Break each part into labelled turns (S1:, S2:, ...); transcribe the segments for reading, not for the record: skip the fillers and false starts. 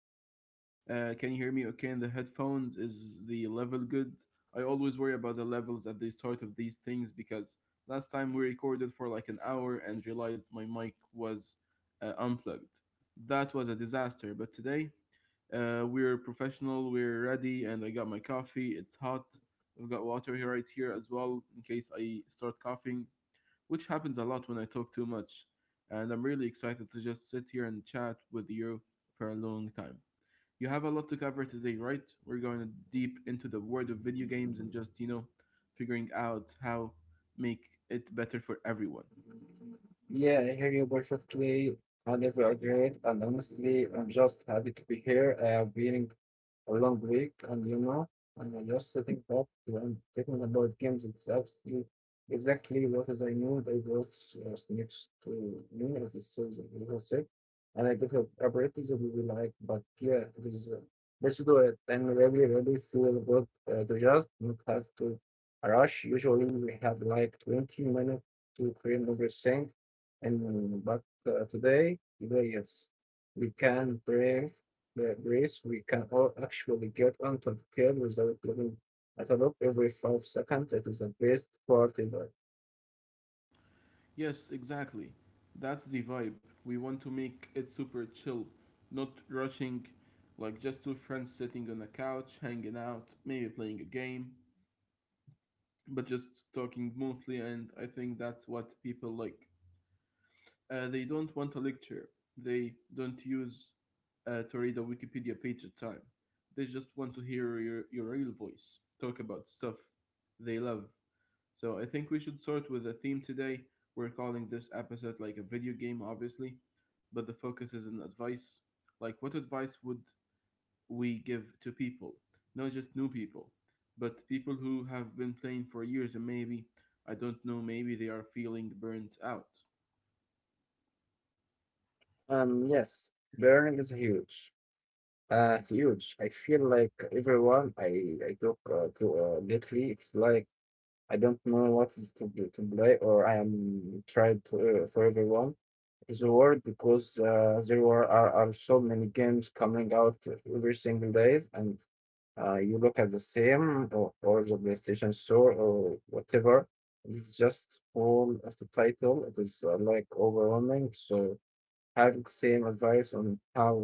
S1: here. Can you hear me okay in the headphones? Is the level good? I always worry about the levels at the start of these things because last time we recorded for like an hour and realized my mic was unplugged. That was a disaster, but today we're professional, we're ready, and I got my coffee. It's hot. I've got water here right here as well in case I start coughing which happens a lot when I talk too much. And I'm really excited to just sit here and chat with you for a long time. You have a lot to cover today, right? We're going deep into the world of video games and just, figuring out how make it better for everyone.
S2: Yeah, I hear you perfectly. I never agreed, and honestly, I'm just happy to be here. I have been a long week, and you know, and I'm just sitting up and thinking about games. It's absolutely exactly what is I knew. They both next to me at this season, little sick, and I got a apparatus that we will like. But yeah, this is let's do it. I really feel good to just not have to rush. Usually, we have like 20 minutes to create everything and but today, yes, we can brave the race. We can all actually get onto the tail without looking at a look every 5 seconds. It is the best part ever.
S1: Yes, exactly. That's the vibe. We want to make it super chill, not rushing, like just two friends sitting on a couch, hanging out, maybe playing a game, but just talking mostly, and I think that's what people like. They don't want a lecture, they don't use to read a Wikipedia page at time. They just want to hear your real voice, talk about stuff they love. So I think we should start with a theme today. We're calling this episode like a video game, obviously, but the focus is on advice. Like, what advice would we give to people? Not just new people, but people who have been playing for years and maybe, I don't know, maybe they are feeling burnt out.
S2: Yes, burning is huge. Huge. I feel like everyone I talk to lately, it's like I don't know what is to play, or I am tried to, for everyone is the world because there are so many games coming out every single days and you look at the same or the PlayStation Store or whatever. It's just all of the title. It is like overwhelming. So having same advice on how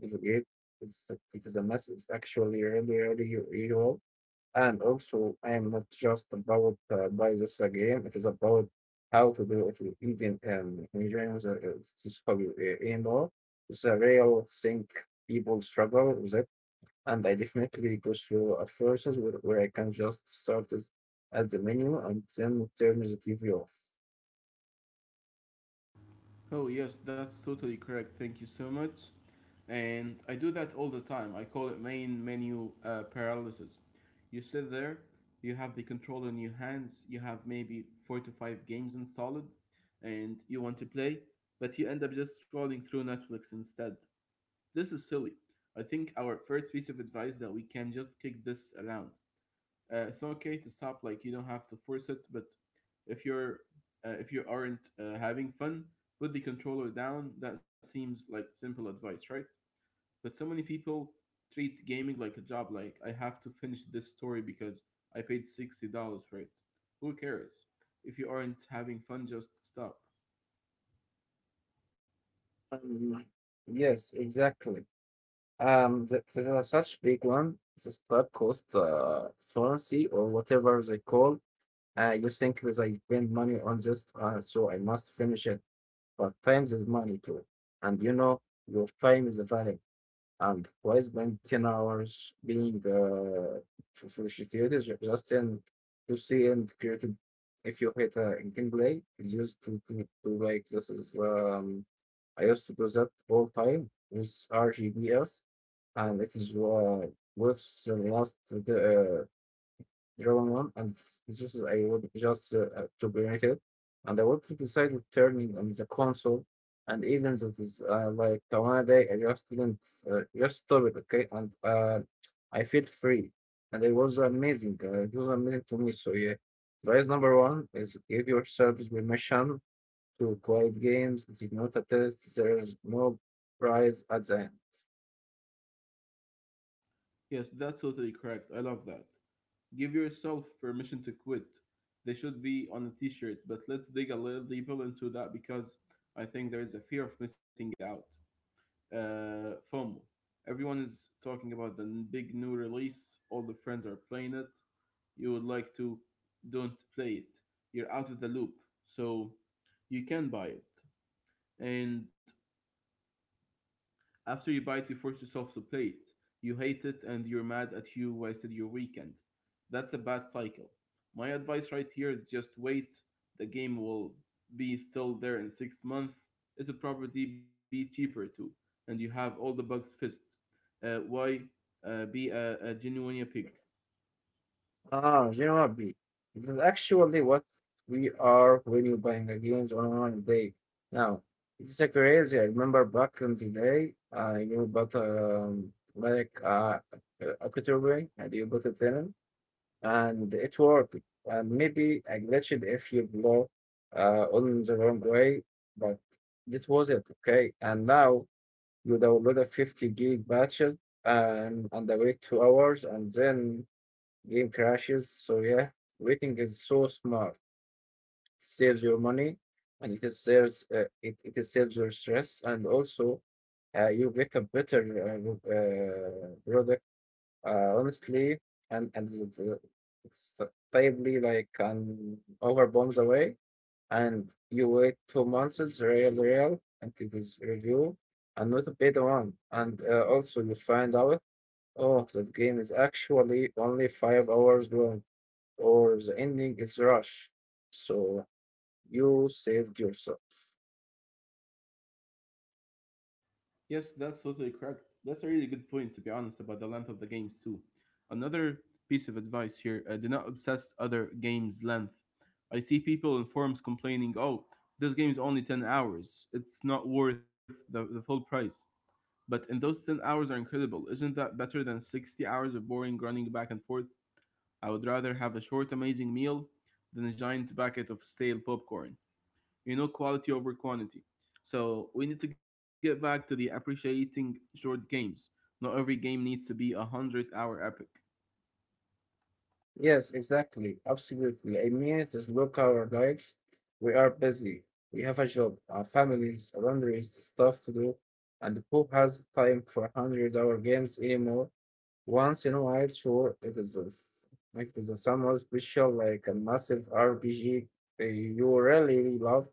S2: to do it, it is a mess. It's actually really usual. And also, I am not just about buy this again. It is about how to do it. Even engineering is anymore. It's a real thing people struggle with it. And I definitely go through a process where I can just start this at the menu and then turn the TV off.
S1: Oh, yes, that's totally correct. Thank you so much. And I do that all the time. I call it main menu paralysis. You sit there, you have the control in your hands, you have maybe four to five games installed, and you want to play, but you end up just scrolling through Netflix instead. This is silly. I think our first piece of advice that we can just kick this around. It's okay to stop. Like you don't have to force it. But if you're if you aren't having fun, put the controller down. That seems like simple advice, right? But so many people treat gaming like a job. Like I have to finish this story because I paid $60 for it. Who cares? If you aren't having fun, just stop.
S2: Um, yes, exactly. There are such big one, the start cost, fancy or whatever they call. You think that I spend money on this, so I must finish it. But time is money too. And you know, your time is valuable. And why spend 10 hours being frustrated just in to see and creative? If you hit a in gameplay, it's used to like this is, I used to do that all time with RGBS. And it is with the last uh, Dragon One, and this is I would just to bring it, and I want to decide on turning on the console, and even that is like the one day I just didn't just stop it, okay, and I feel free, and it was amazing. It was amazing to me. So yeah, advice number one is give yourself permission to quiet games. It is not a test. There is no prize at the end.
S1: Yes, that's totally correct. I love that. Give yourself permission to quit. They should be on a t shirt, but let's dig a little deeper into that because I think there is a fear of missing out. FOMO. Everyone is talking about the big new release, all the friends are playing it. You would like to, don't play it. You're out of the loop, so you can buy it. And after you bite, you force yourself to play it. You hate it and you're mad at you wasted your weekend. That's a bad cycle. My advice right here is just wait. The game will be still there in 6 months. It'll probably be cheaper too, and you have all the bugs fixed. Why be a genuine pig?
S2: Ah, you know what, B? This is actually what we are when you're buying a games online day. Now, it's a crazy. I remember back in the day, I knew about like a category and you put it in, and it worked. And maybe I glitched if you blow on the wrong way, but this was it, okay? And now you download a 50 gig batches and wait 2 hours, and then game crashes. So yeah, waiting is so smart. It saves your money and it is saves it, it is saves your stress and also you get a better product honestly and it's probably like an over bombs away and you wait 2 months is real until this review and not a paid one and also you find out oh that game is actually only 5 hours long or the ending is rush. So you saved yourself.
S1: Yes, that's totally correct. That's a really good point, to be honest, about the length of the games, too. Another piece of advice here do not obsess other games' length. I see people in forums complaining, oh, this game is only 10 hours. It's not worth the full price. But in those 10 hours are incredible. Isn't that better than 60 hours of boring running back and forth? I would rather have a short, amazing meal than a giant bucket of stale popcorn, you know, quality over quantity. So we need to get back to the appreciating short games. Not every game needs to be a hundred-hour epic.
S2: Yes, exactly. Absolutely. I mean, it is look our lives. We are busy. We have a job, our families, laundry, stuff to do, and who has time for 100-hour games anymore? Once in a while, sure, it is a somewhat special like a massive RPG that you really love,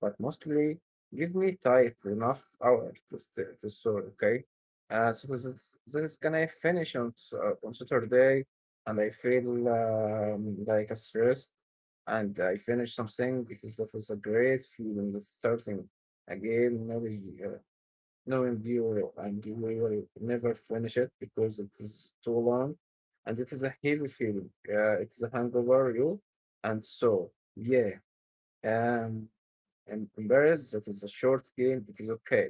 S2: but mostly give me tight enough hours to stay to sort, okay? This is gonna finish on on Saturday, and I feel like a stressed, and I finish something because that was a great feeling. Starting again, maybe uh, no, and you will never finish it because it is too long, and it is a heavy feeling. It is a hangover you, and so yeah. Um, and embarrassed. It is a short game. It is okay.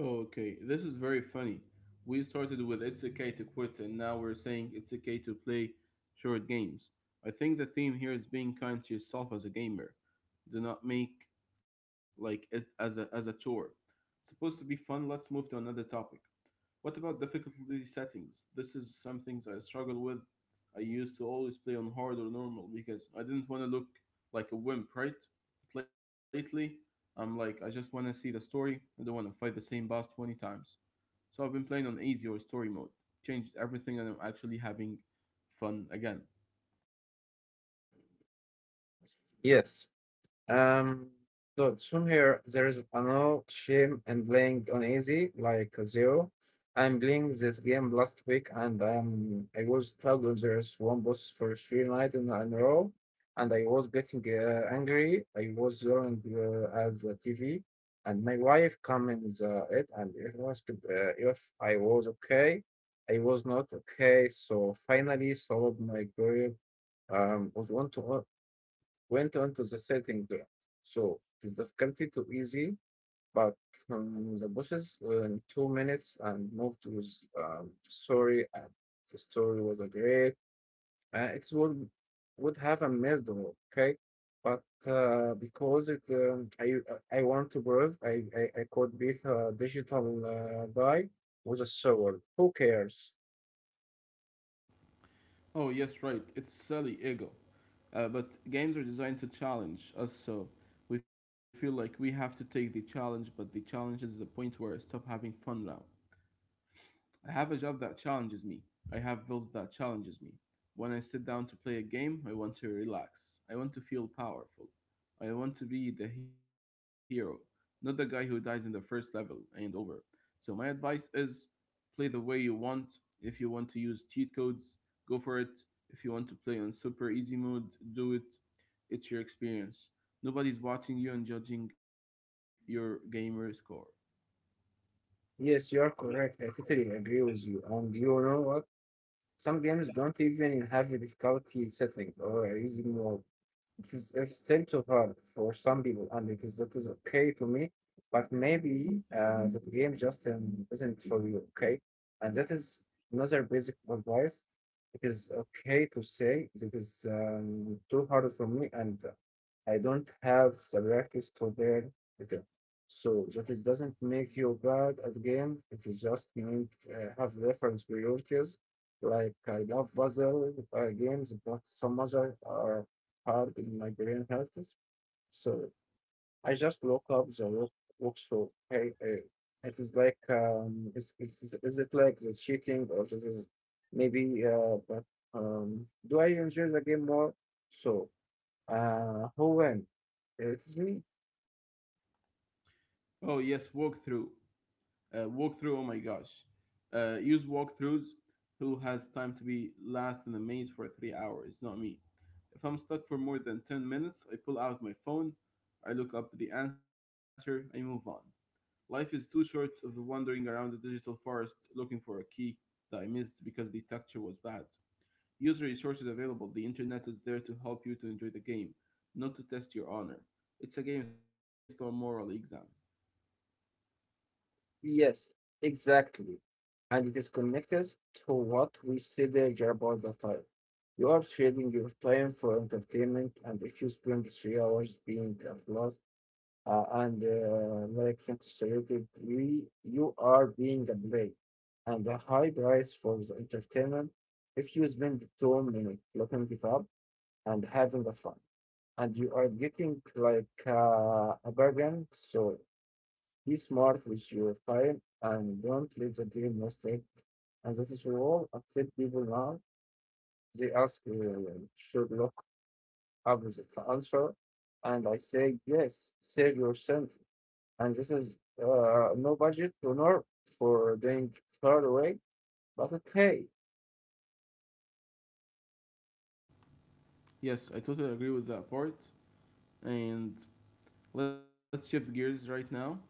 S1: Okay, this is very funny. We started with it's okay to quit, and now we're saying it's okay to play short games. I think the theme here is being kind to yourself as a gamer. Do not make like it as a chore. It's supposed to be fun. Let's move to another topic. What about difficulty settings? This is some things I struggle with. I used to always play on hard or normal because I didn't want to look like a wimp, right? But lately, I'm like, I just want to see the story. I don't want to fight the same boss 20 times. So I've been playing on easy or story mode. Changed everything and I'm actually having fun again.
S2: Yes. Um, so from here, there is a no shame in playing on easy, like zero. I'm playing this game last week, and I was stuck on this one boss for three nights in a row, and I was getting angry. I was yelling at the TV, and my wife came in the it and it asked if I was okay. I was not okay, so finally solved my career. Was want to Went on to the setting ground. So it's difficulty to easy, but the bosses were in 2 minutes and moved to his story. And the story was a great. It would have amazed me, okay? But because it, I want to prove I could beat a digital guy with a sword. Who cares?
S1: Oh, yes, right. It's silly ego. But games are designed to challenge us, so we feel like we have to take the challenge, but the challenge is the point where I stop having fun now. I have a job that challenges me. I have bills that challenges me. When I sit down to play a game, I want to relax. I want to feel powerful. I want to be the hero, not the guy who dies in the first level and over. So my advice is play the way you want. If you want to use cheat codes, go for it. If you want to play on super easy mode, do it. It's your experience. Nobody's watching you and judging your gamer score.
S2: Yes, you are correct. I totally agree with you. And you know what? Some games don't even have a difficulty setting or easy mode. It's still too hard for some people, and it is that is okay to me. But maybe that game just isn't for you, okay? And that is another basic advice. It is okay to say that is too hard for me, and I don't have the practice to learn it. So that is doesn't make you bad at game. It is just you need have reference priorities. Like I love puzzle games, but some other are hard in my brain hurts. So I just look up the workflow. Hey, it is like is it like the cheating or this is maybe but do I enjoy the game more? So who win? It is me.
S1: Oh yes, walkthrough. Walkthrough, oh my gosh. Use walkthroughs. Who has time to be last in the maze for 3 hours? Not me. If I'm stuck for more than 10 minutes, I pull out my phone, I look up the answer, I move on. Life is too short of the wandering around the digital forest looking for a key that I missed because the texture was bad. Use resources available. The internet is there to help you to enjoy the game, not to test your honor. It's a game, it's not a moral exam.
S2: Yes, exactly. And it is connected to what we said earlier about the time. You are trading your time for entertainment, and if you spend 3 hours being at loss and like frustrated, we, you are being a play and a high price for the entertainment if you spend 2 minutes looking it up and having a fun. And you are getting like a bargain, so be smart with your time and don't let the game mistake. And that is all I tell people now. They ask, should look up the answer, and I say yes. Save yourself and this is no budget donor for doing far away. But okay,
S1: Yes, I totally agree with that part. And let's shift gears right now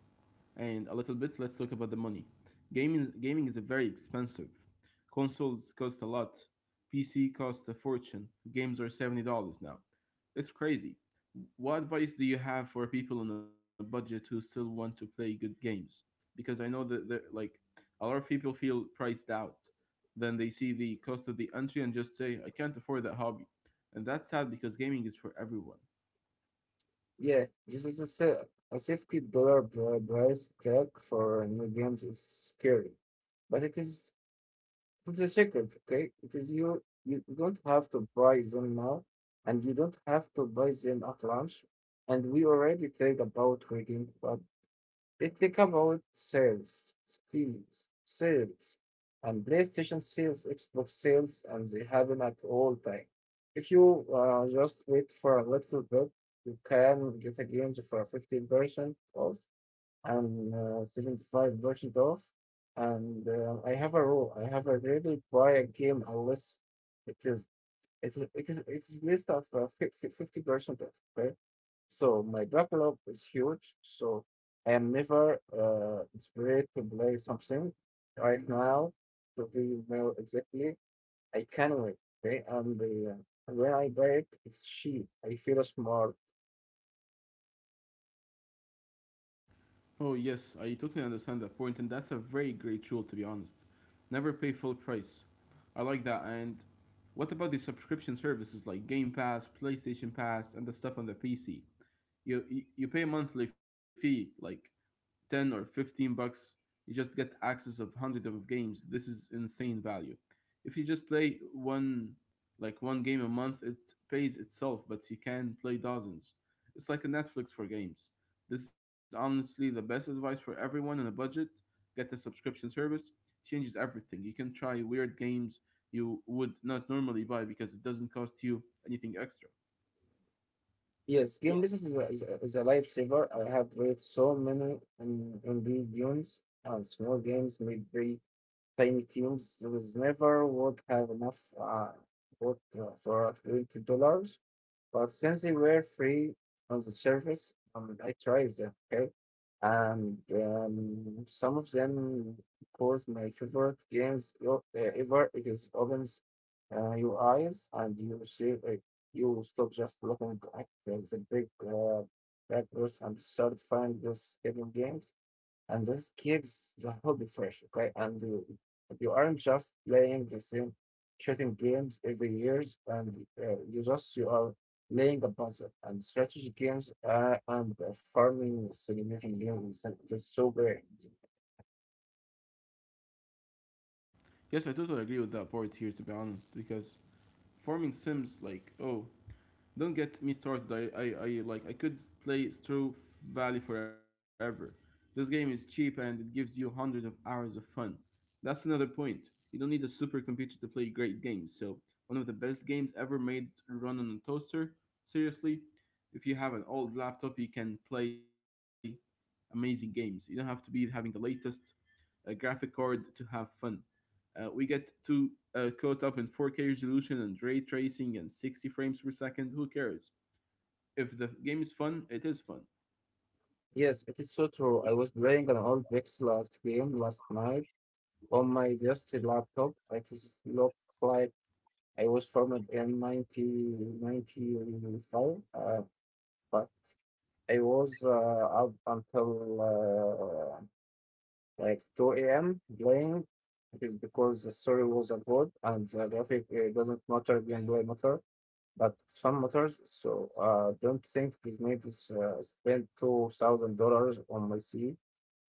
S1: and a little bit let's talk about the money. Gaming is very expensive. Consoles cost a lot. PC costs a fortune. Games are $70 now. It's crazy. What advice do you have for people on a budget who still want to play good games? Because I know that there like a lot of people feel priced out. Then they see the cost of the entry and just say, I can't afford that hobby. And that's sad because gaming is for everyone.
S2: yeah, this is a safety dollar price tag for new games is scary, but it's a secret. Okay, it is you. You don't have to buy them now, and you don't have to buy them at launch. And we already talked about rating, but let's about sales, and PlayStation sales, Xbox sales, and they happen at all time. If you just wait for a little bit, you can get a game for 15% off and 75% off. And I have a rule. I have a really buy a game unless it is it is list of 50% off. Okay, so my backlog is huge. So I am never inspired to play something right now. To be more exactly, I can wait. Okay, and when I buy it, it's cheap. I feel smart.
S1: Oh, yes, I totally understand that point, and that's a very great rule, to be honest. Never pay full price. I like that, and what about the subscription services like Game Pass, PlayStation Pass, and the stuff on the PC? You pay a monthly fee, like 10 or $15, you just get access of hundreds of games. This is insane value. If you just play one, like one game a month, it pays itself, but you can play dozens. It's like a Netflix for games. This is honestly the best advice for everyone on a budget. Get a subscription service, changes everything. You can try weird games you would not normally buy because it doesn't cost you anything extra.
S2: Yes, game business is is a lifesaver. I have played so many in indie games and small games, maybe tiny teams was never would have enough wood for $20. But since they were free on the service, I tried them. Okay, and some of them of course, my favorite games ever. It is opens your eyes and you see you stop just looking at the big backwards and start find those hidden games and this keeps the hobby fresh, okay? And you aren't just playing the same shooting games every years, and you are laying a puzzle and strategy games and farming simulation games. Is just so great.
S1: Yes, I totally agree with that part here, to be honest, because farming sims, like, oh, don't get me started. I like I could play Stro Valley forever. This game is cheap and it gives you hundreds of hours of fun. That's another point. You don't need a supercomputer to play great games. So one of the best games ever made run on a toaster. Seriously, if you have an old laptop, you can play amazing games. You don't have to be having the latest graphic card to have fun. We get too caught up in 4K resolution and ray tracing and 60 frames per second. Who cares? If the game is fun, it is fun.
S2: Yes, it is so true. I was playing an old pixel art game last night on my dusty laptop. It is looked like I was formed in 1995, but I was up until like 2 a.m. playing. It is because the story was good and the graphic doesn't matter, gameplay matter, but fun matters. So don't think this made spend $2000 on my C.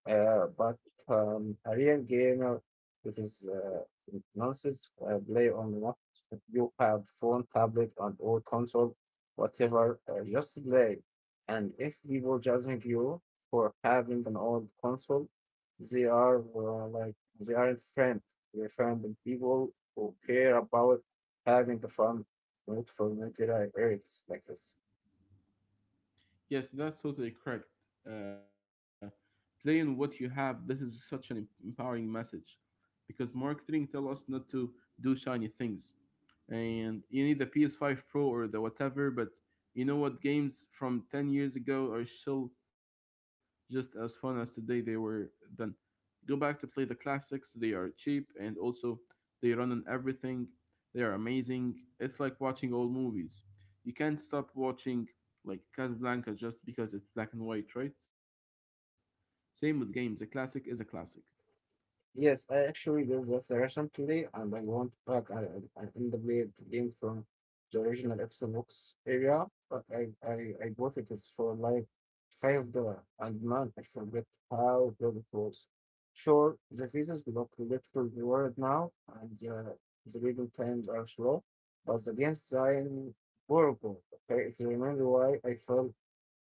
S2: But a real gamer that is nonsense play on what you have phone, tablet, and or console, whatever. Just play, and if people judging you for having an old console, they are like they aren't friend. They're friend and people who care about having the fun, not for military errands like this.
S1: Yes, that's totally correct. Uh, playing what you have, this is such an empowering message because marketing tell us not to do shiny things. And you need the PS5 Pro or the whatever, but you know what? Games from 10 years ago are still just as fun as the day they were done. Go back to play the classics. They are cheap and also they run on everything. They are amazing. It's like watching old movies. You can't stop watching like Casablanca just because it's black and white, right? Same with games. A classic is a classic.
S2: Yes, I actually did that recently, and I want back an underplayed game from the original Xbox area, but I bought it is for like $5, and man, I forget how good it was. Sure, the pieces look little reward now, and the reading times are slow, but the game design horrible. Okay, it's remember why I fell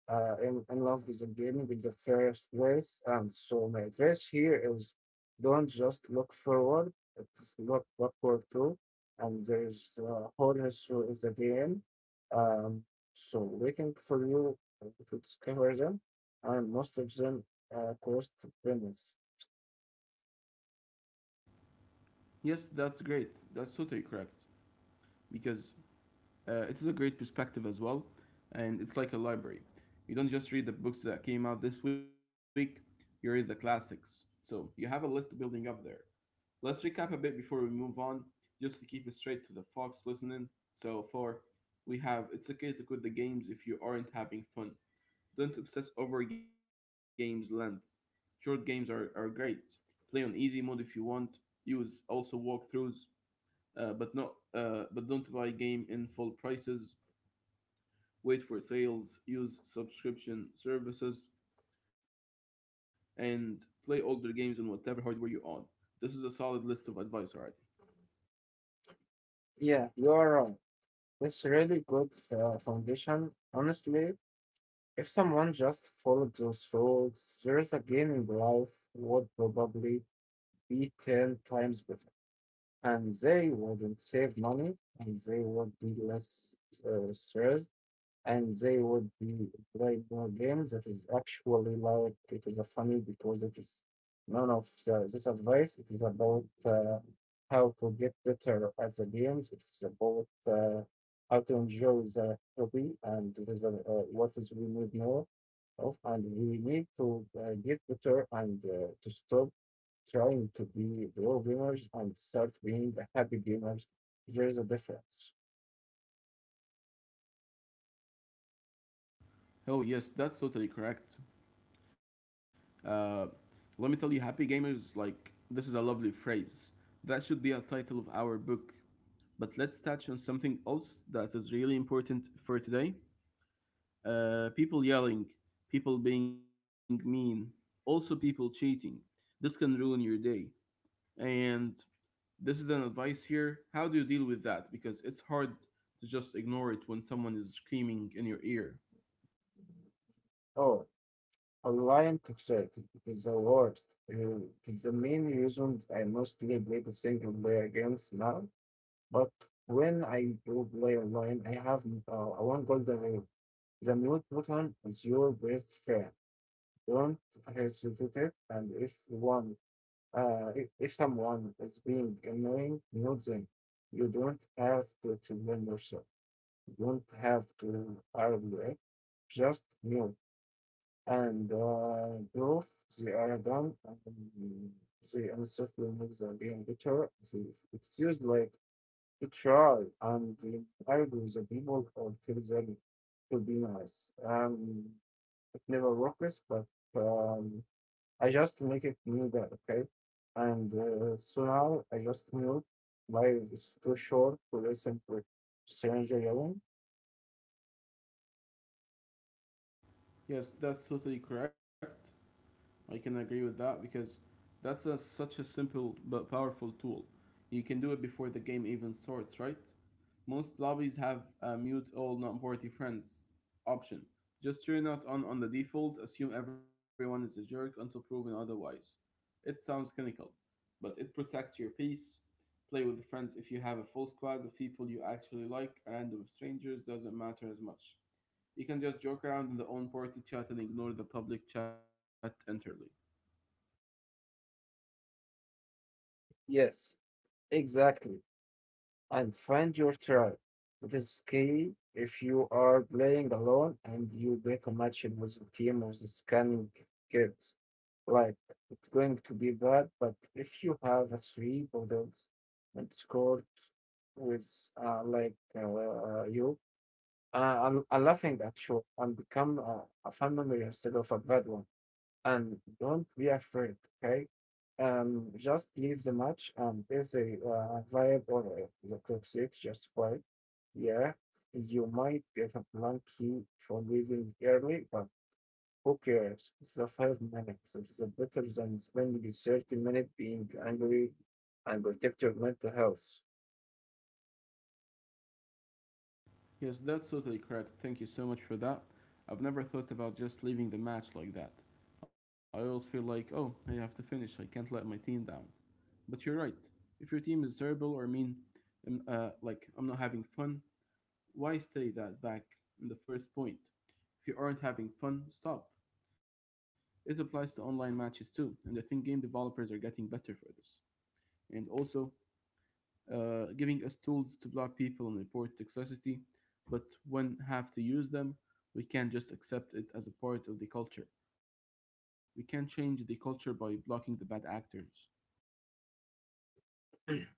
S2: in, love with the game with the first place. And so my advice here is don't just look forward, it's look backward too. And there's a whole history of the game. Um, so waiting for you to discover them, and most of them cost pennies.
S1: Yes, that's great. That's totally correct because it is a great perspective as well, and it's like a library. You don't just read the books that came out this week; you read the classics. So you have a list building up there. Let's recap a bit before we move on, just to keep it straight to the folks listening. So far, we have it's okay to quit the games if you aren't having fun. Don't obsess over games length. Short games are great. Play on easy mode if you want. Use also walkthroughs, but don't buy game in full prices. Wait for sales. Use subscription services and play older games on whatever hardware you're on. This is a solid list of advice, alright.
S2: Yeah, you are right. That's a really good foundation. Honestly, if someone just followed those rules, there's a game in life would probably be 10 times better. And they wouldn't save money and they would be less stressed and they would be playing more games. That is actually like it is a funny because it is none of the, this advice. It is about how to get better at the games. It is about how to enjoy the hobby, and it is what is we need more of, and we need to get better and to stop trying to be pro gamers and start being a happy gamers. There is a difference.
S1: Oh yes, that's totally correct. Uh, Let me tell you, happy gamers, like this is a lovely phrase. That should be a title of our book. But let's touch on something else that is really important for today. People yelling, people being mean, also people cheating. This can ruin your day. And this is an advice here. How do you deal with that? Because it's hard to just ignore it when someone is screaming in your ear.
S2: Oh, online toxicity is the worst. It's the main reason I mostly play the single player games now. But when I do play online, I have one golden rule. The mute button is your best friend. Don't hesitate it. And if one, if someone is being annoying, mute them. You don't have to explain yourself. You don't have to argue. Eh? Just mute and proof they are done and they ancestry make the game better. They- It's used like to try and argue the people or tell them to be nice. It never works, but um, I just make it new that okay. And so now I just knew life is too short to listen to stranger yelling.
S1: Yes, that's totally correct. I can agree with that because that's a, such a simple but powerful tool. You can do it before the game even starts, right? Most lobbies have a mute all non-party friends option. Just turn it on the default, assume everyone is a jerk until proven otherwise. It sounds clinical, but it protects your peace. Play with friends if you have a full squad of people you actually like, random strangers doesn't matter as much. You can just joke around in the own party chat and ignore the public chat entirely.
S2: Yes, exactly. And find your tribe. It is key if you are playing alone and you get a match with the team with the scanning kids. Like, it's going to be bad, but if you have a three bundles and scored with, uh, like, uh, you, I'm laughing at you and become a fun memory instead of a bad one and don't be afraid, okay? Just leave the match, and if the vibe or the toxic just quiet, yeah, you might get a blank key for leaving early, but who cares? It's the 5 minutes. It's a better than spending 30 minutes being angry and protect your mental health.
S1: Yes, that's totally correct. Thank you so much for that. I've never thought about just leaving the match like that. I always feel like, oh, I have to finish. I can't let my team down. But you're right. If your team is terrible or mean, like I'm not having fun, why say that back in the first point? If you aren't having fun, stop. It applies to online matches too, and I think game developers are getting better for this. And also, giving us tools to block people and report toxicity, but when have to use them, we can't just accept it as a part of the culture. We can change the culture by blocking the bad actors.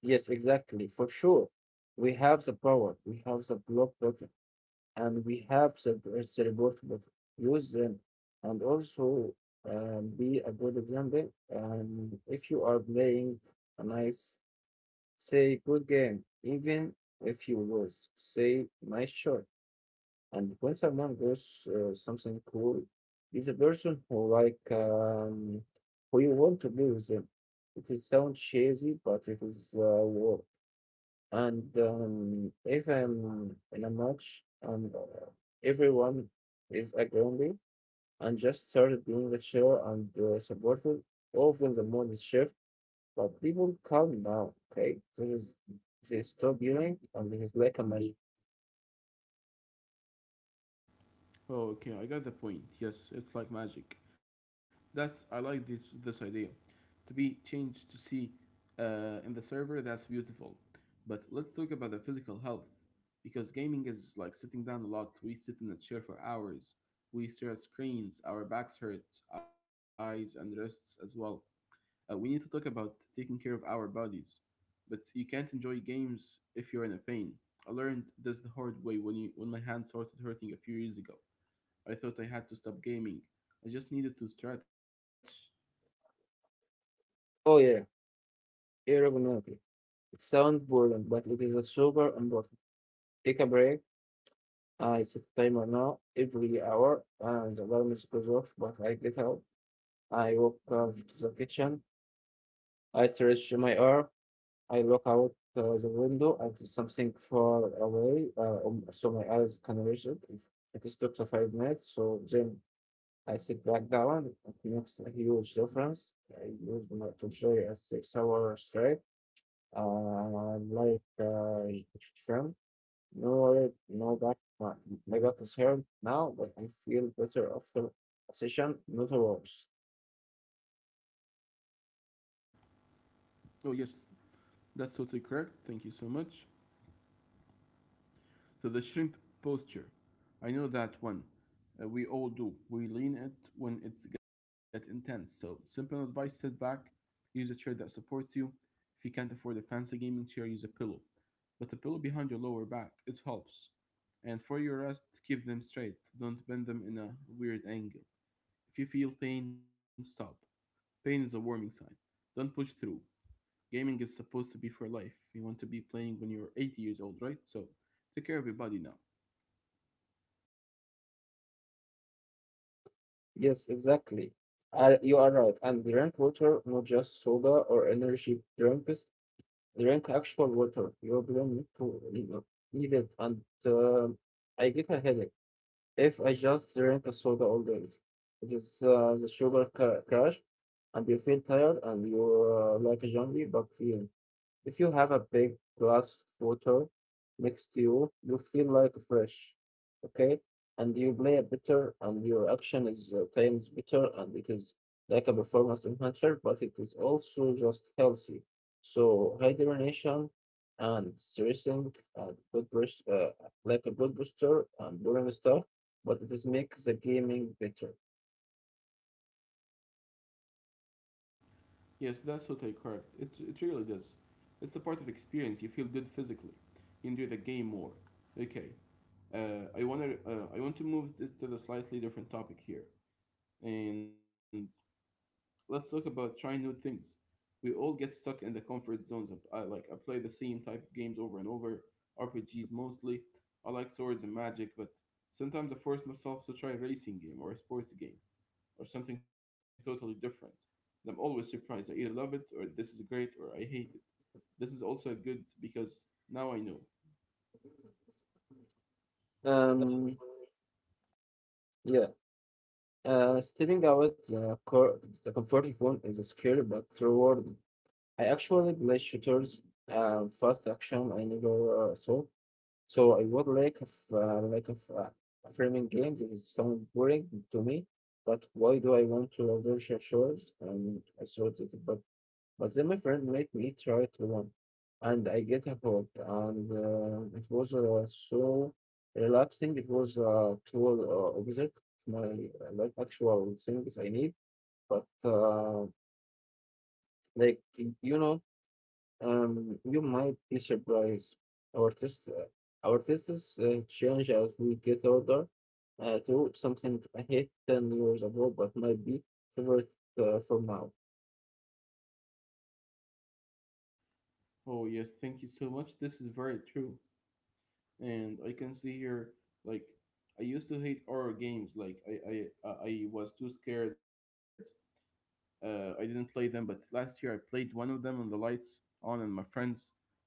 S2: Yes, exactly, for sure. We have the power, we have the block and we have cerebral use them and also be a good example. If you are playing a nice, say, good game, even if you lose, say, nice shot. And when someone goes something cool, is a person who like who you want to be with them. It is sound cheesy, but it is work. And if I'm in a match and everyone is agreeing me and just started doing the show and supportive, often the mood is shift, but people calm down, okay? This is they stop yelling and this is like a magic.
S1: Oh, okay, I got the point. Yes, it's like magic. That's I like this idea. To be changed to see in the server, that's beautiful. But let's talk about the physical health because gaming is like sitting down a lot. We sit in a chair for hours. We stare at screens. Our backs hurt, eyes and wrists as well. We need to talk about taking care of our bodies. But you can't enjoy games if you're in a pain. I learned this the hard way when my hand started hurting a few years ago. I thought I had to stop gaming. I just needed to stretch.
S2: Oh yeah, aerodynamic. It sounds boring, but it is a super important. Take a break. I set a timer now every hour and the alarm is goes off, but I get out. I walk out to the kitchen. I stretch my arm. I look out the window at something far away, so my eyes can reach it. If it is took to 5 minutes, so then I sit back down. It makes a huge difference. I use my to enjoy a 6 hour straight, uh, like uh, shrimp. No worry, no back. My back is hurt now, but I feel better after a session, not worse.
S1: Oh, yes, that's totally correct. Thank you so much. So, the shrimp posture. I know that one. We all do. We lean it when it's get intense. So, simple advice sit back, use a chair that supports you. If you can't afford a fancy gaming chair, use a pillow. But a pillow behind your lower back, it helps. And for your rest, keep them straight. Don't bend them in a weird angle. If you feel pain, stop. Pain is a warning sign. Don't push through. Gaming is supposed to be for life. You want to be playing when you're 80 years old, right? So, take care of your body now.
S2: Yes, exactly. You are right. And drink water, not just soda or energy drinks. Drank actual water. You don't need to need it, need it, and um I get a headache if I just drink a soda all day. It is the crash, and you feel tired and you're like a zombie, but feel. If you have a big glass water next to you, you feel like fresh, okay? And you play it better, and your action is times better, and it is like a performance enhancer, but it is also just healthy. So hydration and stressing and good boost, like a good booster and boring stuff, but it is make the gaming better.
S1: Yes, that's totally correct. It really does. It's a part of experience. You feel good physically. You enjoy the game more. Okay. I want to move this to the slightly different topic here, and let's talk about trying new things. We all get stuck in the comfort zones. Of, I play the same type of games over and over, RPGs mostly. I like swords and magic, but sometimes I force myself to try a racing game or a sports game or something totally different. And I'm always surprised. I either love it or this is great or I hate it. This is also good because now I know.
S2: Um, yeah. Stepping out the, the comfort zone is a scary but rewarding. I actually play shooters and fast action I never saw. So I would like of framing games. It is sound boring to me, but why do I want to research shooters? And I thought it, but then my friend made me try to one, and I get a hook, and it was so relaxing. It was a tool opposite my like actual things I need, but like you know you might be surprised. Our tastes, uh, our tastes change as we get older. To something I hate 10 years ago, but might be favorite for now.
S1: Oh yes, thank you so much. This is very true. And I can see here like I used to hate horror games like I was too scared, I didn't play them, but last year I played one of them on the lights on and my friends.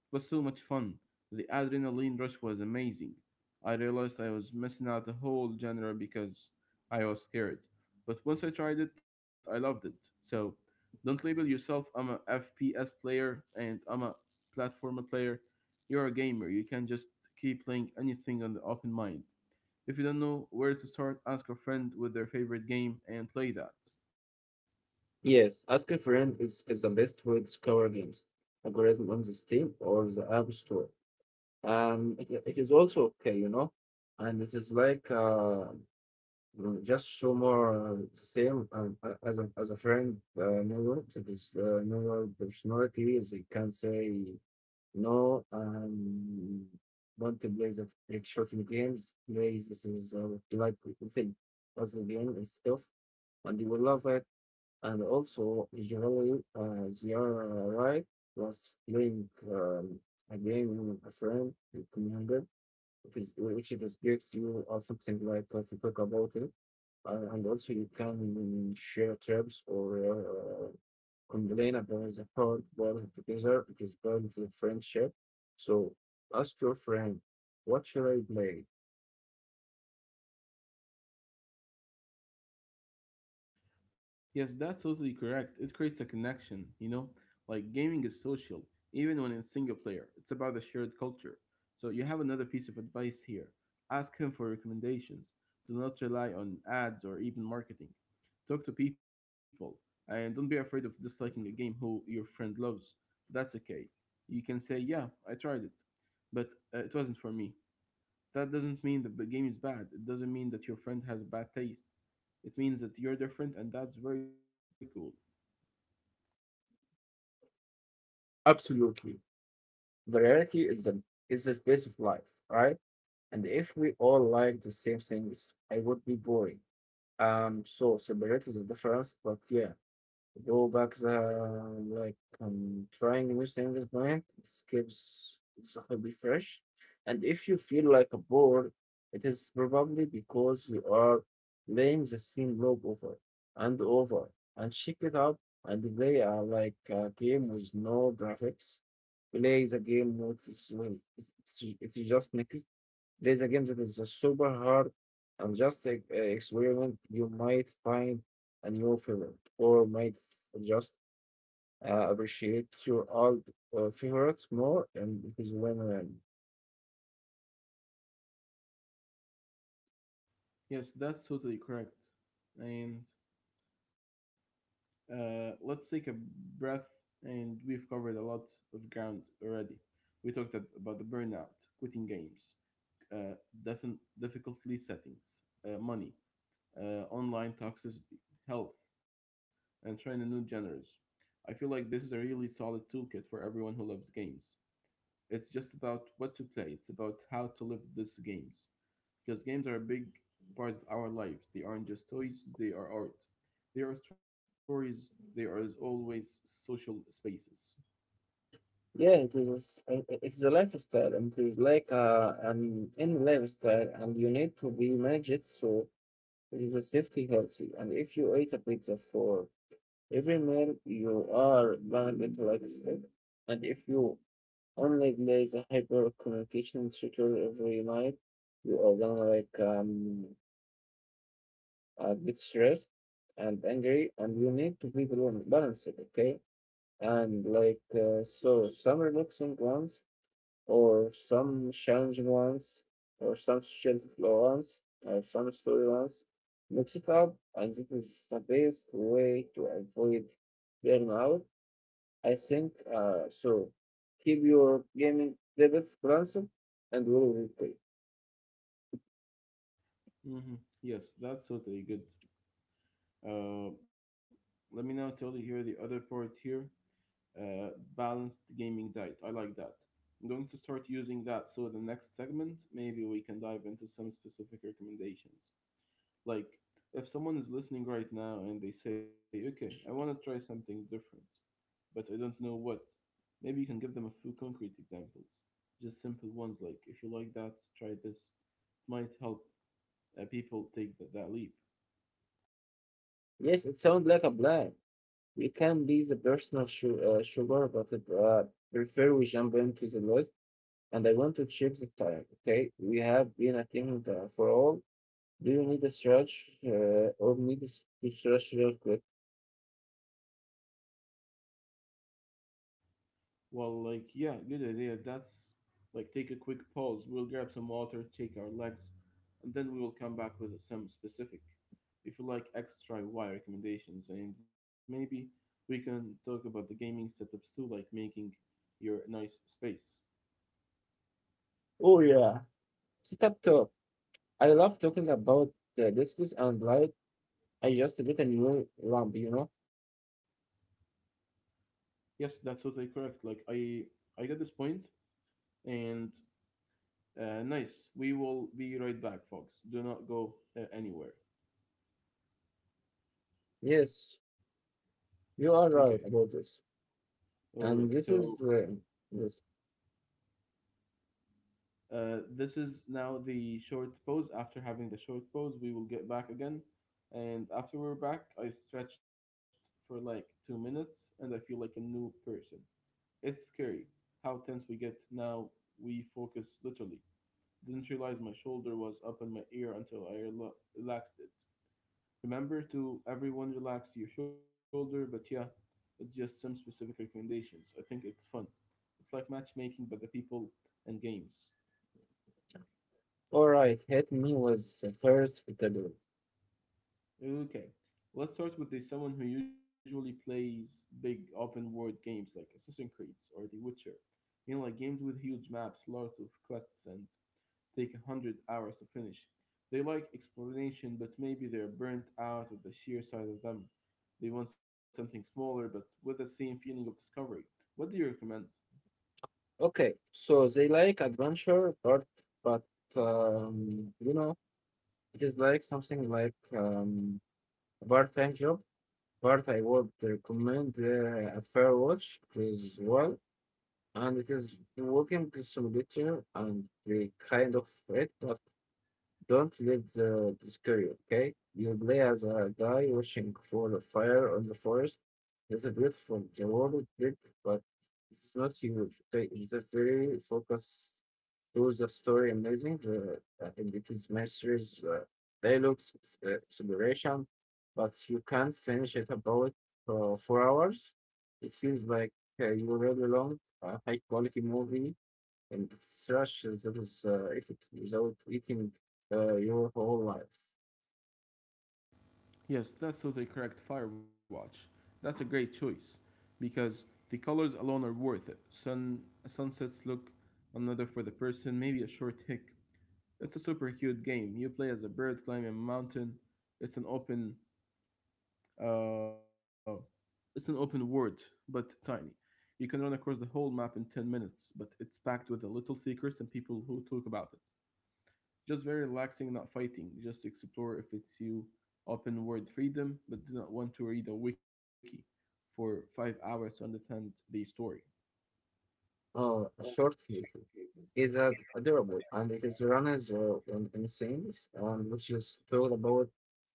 S1: It was so much fun. The adrenaline rush was amazing. I realized I was missing out a whole genre because I was scared. But once I tried it, I loved it. So don't label yourself I'm a FPS player and I'm a platformer player. You're a gamer. You can just keep playing anything on the open mind. If you don't know where to start, ask a friend with their favorite game and play that.
S2: Yes, ask a friend is the best way to discover games. Algorithm on the Steam or the App Store. It is also okay, you know, and it is like just show more the same as a friend. No ropes. It is no real personality. They can say no. Want to play the like shooting games. Plays this is what you like to think. Puzzle game and stuff, and you will love it. And also usually they are right. Plus playing a game with a friend, you can which is great you or something like if you talk about it. And also you can share terms or uh, complain about the hard boiled together. It is called the friendship. So ask your friend, what should I play?
S1: Yes, that's totally correct. It creates a connection, you know? Like gaming is social, even when it's single player. It's about a shared culture. So you have another piece of advice here. Ask him for recommendations. Do not rely on ads or even marketing. Talk to people and don't be afraid of disliking a game who your friend loves. That's okay. You can say, "Yeah, I tried it, but it wasn't for me." That doesn't mean that the game is bad. It doesn't mean that your friend has bad taste. It means that you're different, and that's very cool.
S2: Absolutely. Variety is the space of life, right? And if we all like the same things, it would be boring. So separate is the difference, but yeah. Go back the like trying new things blind it keeps the be fresh and if you feel like a bored it is probably because you are playing the same loop over and over and check it out and play like a game with no graphics, play the game with it's just next it is a game that is a super hard and just experiment. You might find a new favorite, or might just appreciate your old favorites more, and it is win-win.
S1: Yes, that's totally correct. And let's take a breath, and we've covered a lot of ground already. We talked about the burnout, quitting games, uh, difficulty settings, money, online toxicity, health, and trying new genres. I feel like this is a really solid toolkit for everyone who loves games. It's just about what to play, it's about how to live these games. Because games are a big part of our lives. They aren't just toys, they are art. They are stories, they are as always social spaces.
S2: Yeah, it is. It's a lifestyle, and it is like an in lifestyle, and you need to be manage it so it is a safety healthy. And if you eat a pizza for every meal, you are gonna get like a step. And if you, unlike, there is a hyper communication schedule every night, you are gonna like get stressed and angry, and you need to be balanced, okay? And like so, some relaxing ones, or some challenging ones, or some social flow ones, or some story ones. Mix it up, and this is the best way to avoid burnout, I think so. Keep your gaming levels constant and we will replay.
S1: hmm Yes, that's totally good. Uh, Let me now tell you here the other part here, uh, balanced gaming diet. I like that. I'm going to start using that so the next segment, maybe we can dive into some specific recommendations. Like, if someone is listening right now and they say, okay, I want to try something different, but I don't know what. Maybe you can give them a few concrete examples. Just simple ones like, if you like that, try this. It might help people take that leap.
S2: Yes, it sounds like a plan. We can be the personal sugar, but I prefer we jump into the list. And I want to check the time. Okay, we have been I think for all. Do you need a stretch or to stretch real quick?
S1: Well, like, yeah, good idea. That's like, take a quick pause. We'll grab some water, shake our legs, and then we will come back with some specific, if you like, extra Y recommendations. And maybe we can talk about the gaming setups too, like making your nice space.
S2: Oh yeah, sit up top. I love talking about discus and light. I just get a new lamp, you know.
S1: Yes, that's totally correct. Like, I get this point, and nice. We will be right back, folks. Do not go anywhere.
S2: Yes, you
S1: Okay.
S2: are right about this.
S1: Alrighty.
S2: And this
S1: So
S2: is this.
S1: this is now the short pose. After having the short pose, we will get back again. And after we're back, I stretched for like 2 minutes and I feel like a new person. It's scary how tense we get now. We focus literally. Didn't realize my shoulder was up in my ear until I relaxed it. Remember to everyone relax your shoulder, but yeah, it's just some specific recommendations. I think it's fun. It's like matchmaking, but the people and games.
S2: All right, Hit Me was the first category.
S1: Okay, let's start with the someone who usually plays big open world games like Assassin's Creed or The Witcher. You know, like games with huge maps, lots of quests, and take 100 hours to finish. They like exploration, but maybe they're burnt out of the sheer size of them. They want something smaller, but with the same feeling of discovery. What do you recommend?
S2: Okay, so they like adventure, but um, you know, it is like something like a part-time job. But I would recommend a fair watch as well, and it is walking simulator and the kind of it, but don't let the discourage you, okay? You play as a guy watching for the fire on the forest. It's a beautiful, the world is big, but it's not huge. Okay, it's a very focused towards the story amazing. The And it is masters dialogues exploration, but you can't finish it about 4 hours. It feels like you really long, a high quality movie and it's rush that is effort without eating your whole life.
S1: Yes, that's totally correct, Firewatch. That's a great choice because the colors alone are worth it. Sun sunsets look another for the person, maybe a short hick. It's a super cute game. You play as a bird climbing a mountain. It's an open Uh, it's an open world, but tiny. You can run across the whole map in 10 minutes, but it's packed with the little secrets and people who talk about it. Just very relaxing, not fighting. Just explore if it's you open world freedom, but do not want to read a wiki for 5 hours to understand the story.
S2: Oh, a short history is adorable and it is run as in scenes which is told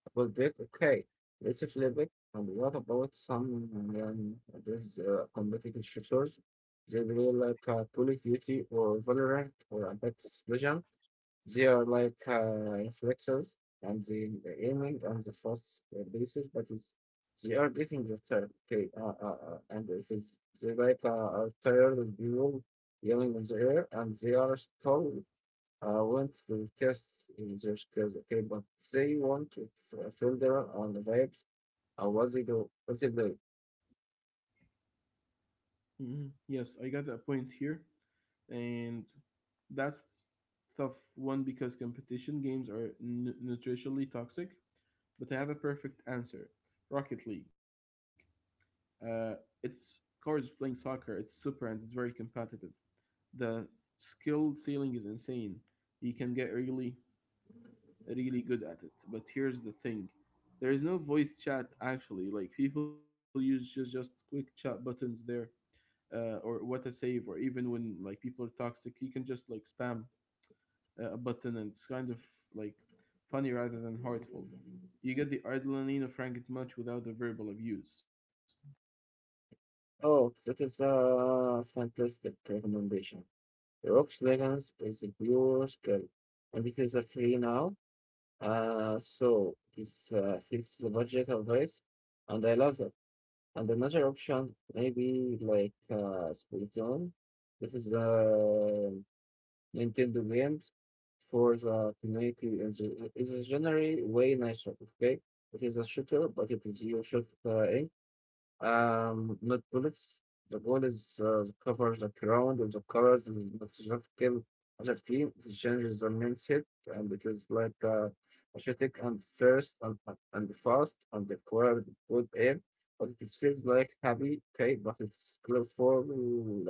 S2: about Drake. Okay, let's flip it. And what about some um, these competitive shooters? They play like Call of Duty or Valorant or Apex Legends. They are like reflectors and they are aiming on the first basis, but it's, they are getting the third. Okay, and it is they like are tired of people yelling in the air, and they are still want to test in their skills. Okay, but they want to filter on the vibes and what they do.
S1: Mhm. Yes, I got a point here. And that's tough one because competition games are nutritionally toxic. But I have a perfect answer: Rocket League. Uh, it's cars playing soccer. It's super and it's very competitive. The skill ceiling is insane. You can get really, really good at it. But here's the thing: there is no voice chat actually. Like people use just quick chat buttons there. Or what a save, or even when like people are toxic, you can just like spam a button, and it's kind of like funny rather than heartful. You get the adrenaline of Frank it much without the verbal abuse.
S2: Oh, that is a fantastic recommendation. Rock's Legends is a pure skill, and it is a free now. So this fits the budget of this, and I love that. And another option, maybe like Splatoon. This is a Nintendo games for the community. In It is generally way nicer, okay? It is a shooter, but it is you shoot in. Not bullets. The goal is the cover the ground and the colors is not just kill other team. It changes the mindset and it is like aesthetic and first and fast and the core good aim. But it feels like happy, okay, but it's skillful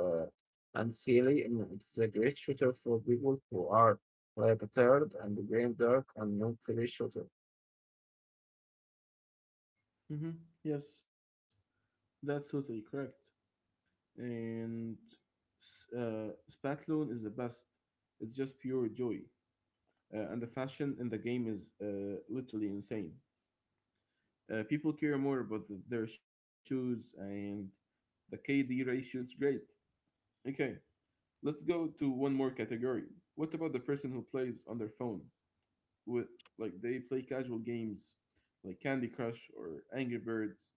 S2: and silly and it's a great shooter for people who are like tired and game dark and not really shooter.
S1: Hmm. Yes, that's totally correct. And Spatlone is the best. It's just pure joy. And the fashion in the game is literally insane. People care more about their shoes, and the KD ratio is great. Okay, let's go to one more category. What about the person who plays on their phone? With Like they play casual games like Candy Crush or Angry Birds.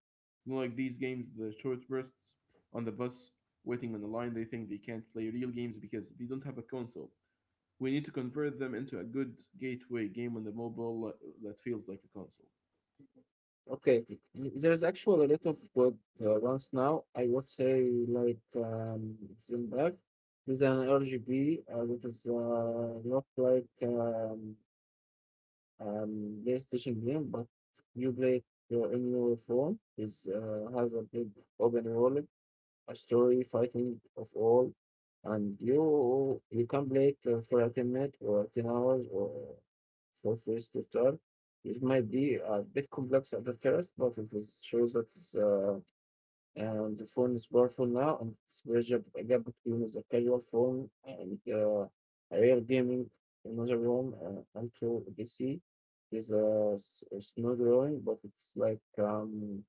S1: Like these games, the short bursts on the bus, waiting on the line, they think they can't play real games because they don't have a console. We need to convert them into a good gateway game on the mobile that feels like a console.
S2: Okay, there's actually a lot of good ones now. I would say like Zimbabwe. There's an RGB that is not like PlayStation game, but you play it, in your phone. It has a big open world a story fighting of all, and you can play it for a 10 minutes or 10 hours or for first to start. It might be a bit complex at the first, but it is, shows that it's and the phone is powerful now and it's bridge a gap between the casual phone and a real gaming in another room and to PC. It's, uh, s- Not drawing, but it's like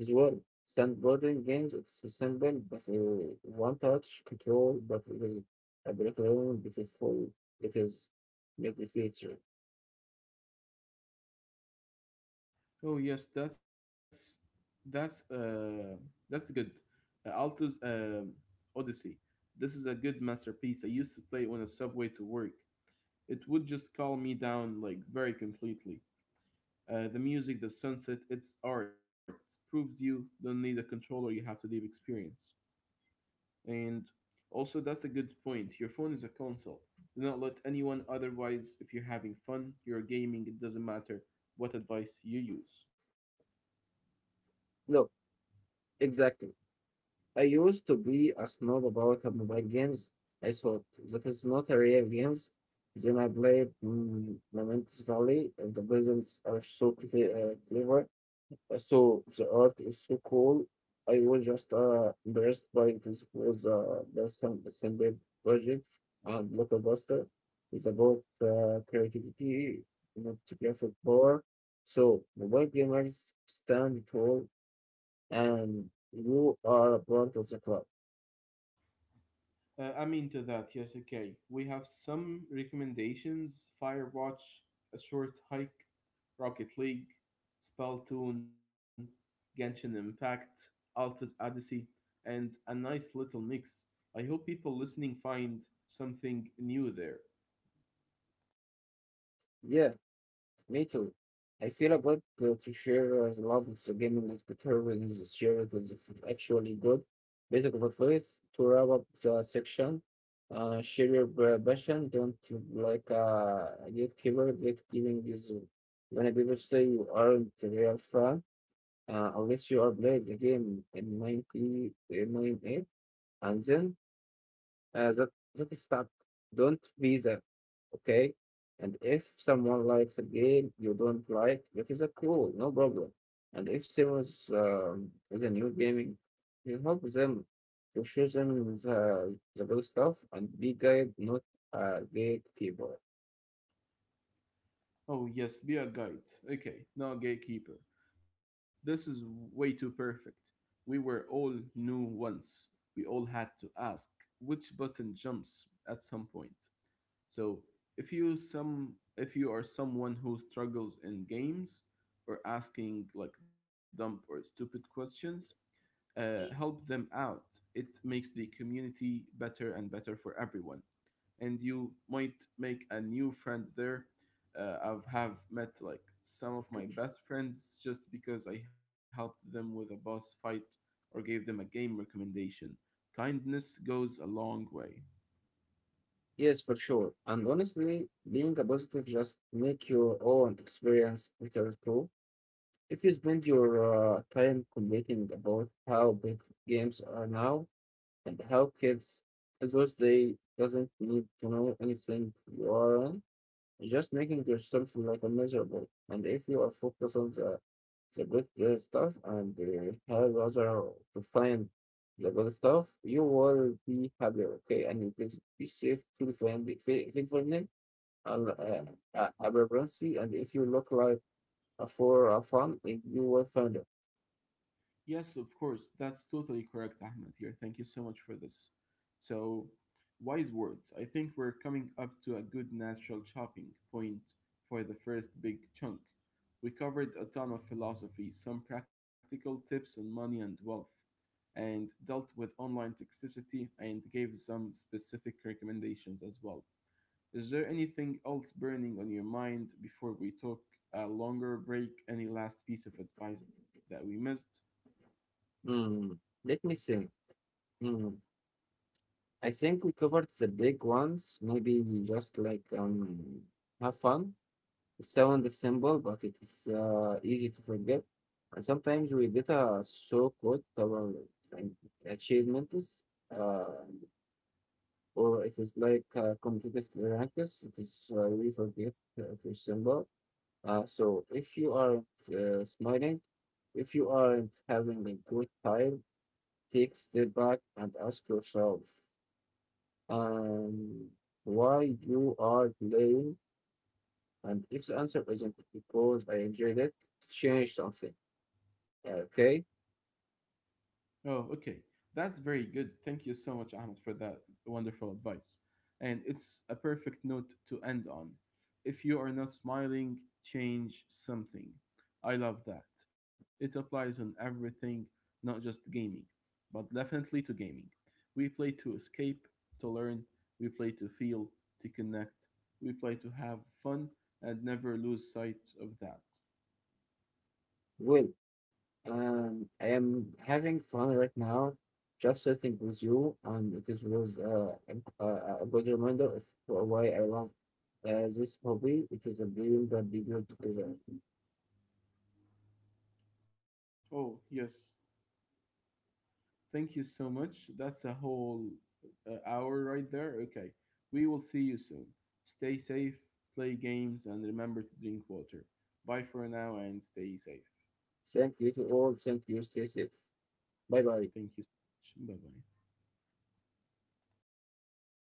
S2: as well. Sandboarding games, it's simple, but one touch control, but it is a background beautiful. It is made the feature.
S1: Oh yes, that's uh that's good. Alto's Odyssey. This is a good masterpiece. I used to play it on a subway to work. It would just calm me down like very completely. The music, the sunset, it's art. Proves you don't need a controller, you have to deep experience. And also that's a good point. Your phone is a console. Do not let anyone otherwise if you're having fun, you're gaming, it doesn't matter what advice you use.
S2: Look, exactly. I used to be a snob about the mobile games. I thought that is not a real games. Then I played Momentous Valley, and the presents are so clever. So the art is so cool. I was just impressed by this was the some simple project and blockbuster. It's about creativity, not to graphic power. So mobile gamers stand tall, and you are a part of the club.
S1: I'm into that. Yes, okay. We have some recommendations: Firewatch, A Short Hike, Rocket League, Spelltoon, Genshin Impact, Alta's Odyssey, and a nice little mix. I hope people listening find something new there.
S2: Yeah. Me too. I feel a bit to share the love of the game is better when it's shared with actually good. Basic advice to wrap up the section. Share your passion. Don't gatekeeper. Gatekeeping is when people say you aren't a real fan unless you are playing the game in 1998 and then uh, that that is stop. Don't be that, okay? And if someone likes a game you don't like, that is a cool, no problem. And if someone is a new gaming, you help them to show them the good stuff and be guide, not a gatekeeper.
S1: Oh yes, be a guide. Okay, now gatekeeper. This is way too perfect. We were all new once. We all had to ask which button jumps at some point. So if you are someone who struggles in games or asking like dumb or stupid questions, help them out. It makes the community better and better for everyone. And you might make a new friend there. I've have met like some of my best friends just because I helped them with a boss fight or gave them a game recommendation. Kindness goes a long way.
S2: Yes, for sure. And honestly, being a positive just make your own experience better too. If you spend your time complaining about how big games are now, and how kids adults they doesn't need to know anything you are on, just making yourself like a miserable. And if you are focused on the good stuff and help other to find the good stuff, you will be happier, okay? And it is be safe, feel friendly, feel friendly, and abundance. And if you look like a for a fun, it, you will find it.
S1: Yes, of course. That's totally correct, Ahmed, here. Thank you so much for this. So, wise words. I think we're coming up to a good natural chopping point for the first big chunk. We covered a ton of philosophy, some practical tips on money and wealth, and dealt with online toxicity and gave some specific recommendations as well. Is there anything else burning on your mind before we took a longer break? Any last piece of advice that we missed?
S2: Hmm. Let me see. Hmm. I think we covered the big ones. Maybe we just like have fun. It sounds simple, but it is easy to forget. And sometimes we get so caught our like, achievements, uh, or it is like competitive ranks. It is we forget to symbol. So if you aren't smiling, if you aren't having a good time, take a step back and ask yourself um, why you are playing, and if the answer isn't because I enjoyed it, change something. Okay?
S1: Oh, okay. That's very good. Thank you so much, Ahmed, for that wonderful advice. And it's a perfect note to end on. If you are not smiling, change something. I love that. It applies on everything, not just gaming, but definitely to gaming. We play to escape, to learn, we play to feel, to connect, we play to have fun and never lose sight of that.
S2: Well, I am having fun right now, just sitting with you, and it is was a good reminder of why I love this hobby. It is a dream that we do together.
S1: Oh, yes. Thank you so much. That's a whole hour right there. Okay. We will see you soon. Stay safe, play games, and remember to drink water. Bye for now and stay safe.
S2: Thank you to all. Thank you. Stay safe. Bye
S1: Thank
S2: bye.
S1: you so much. Bye bye.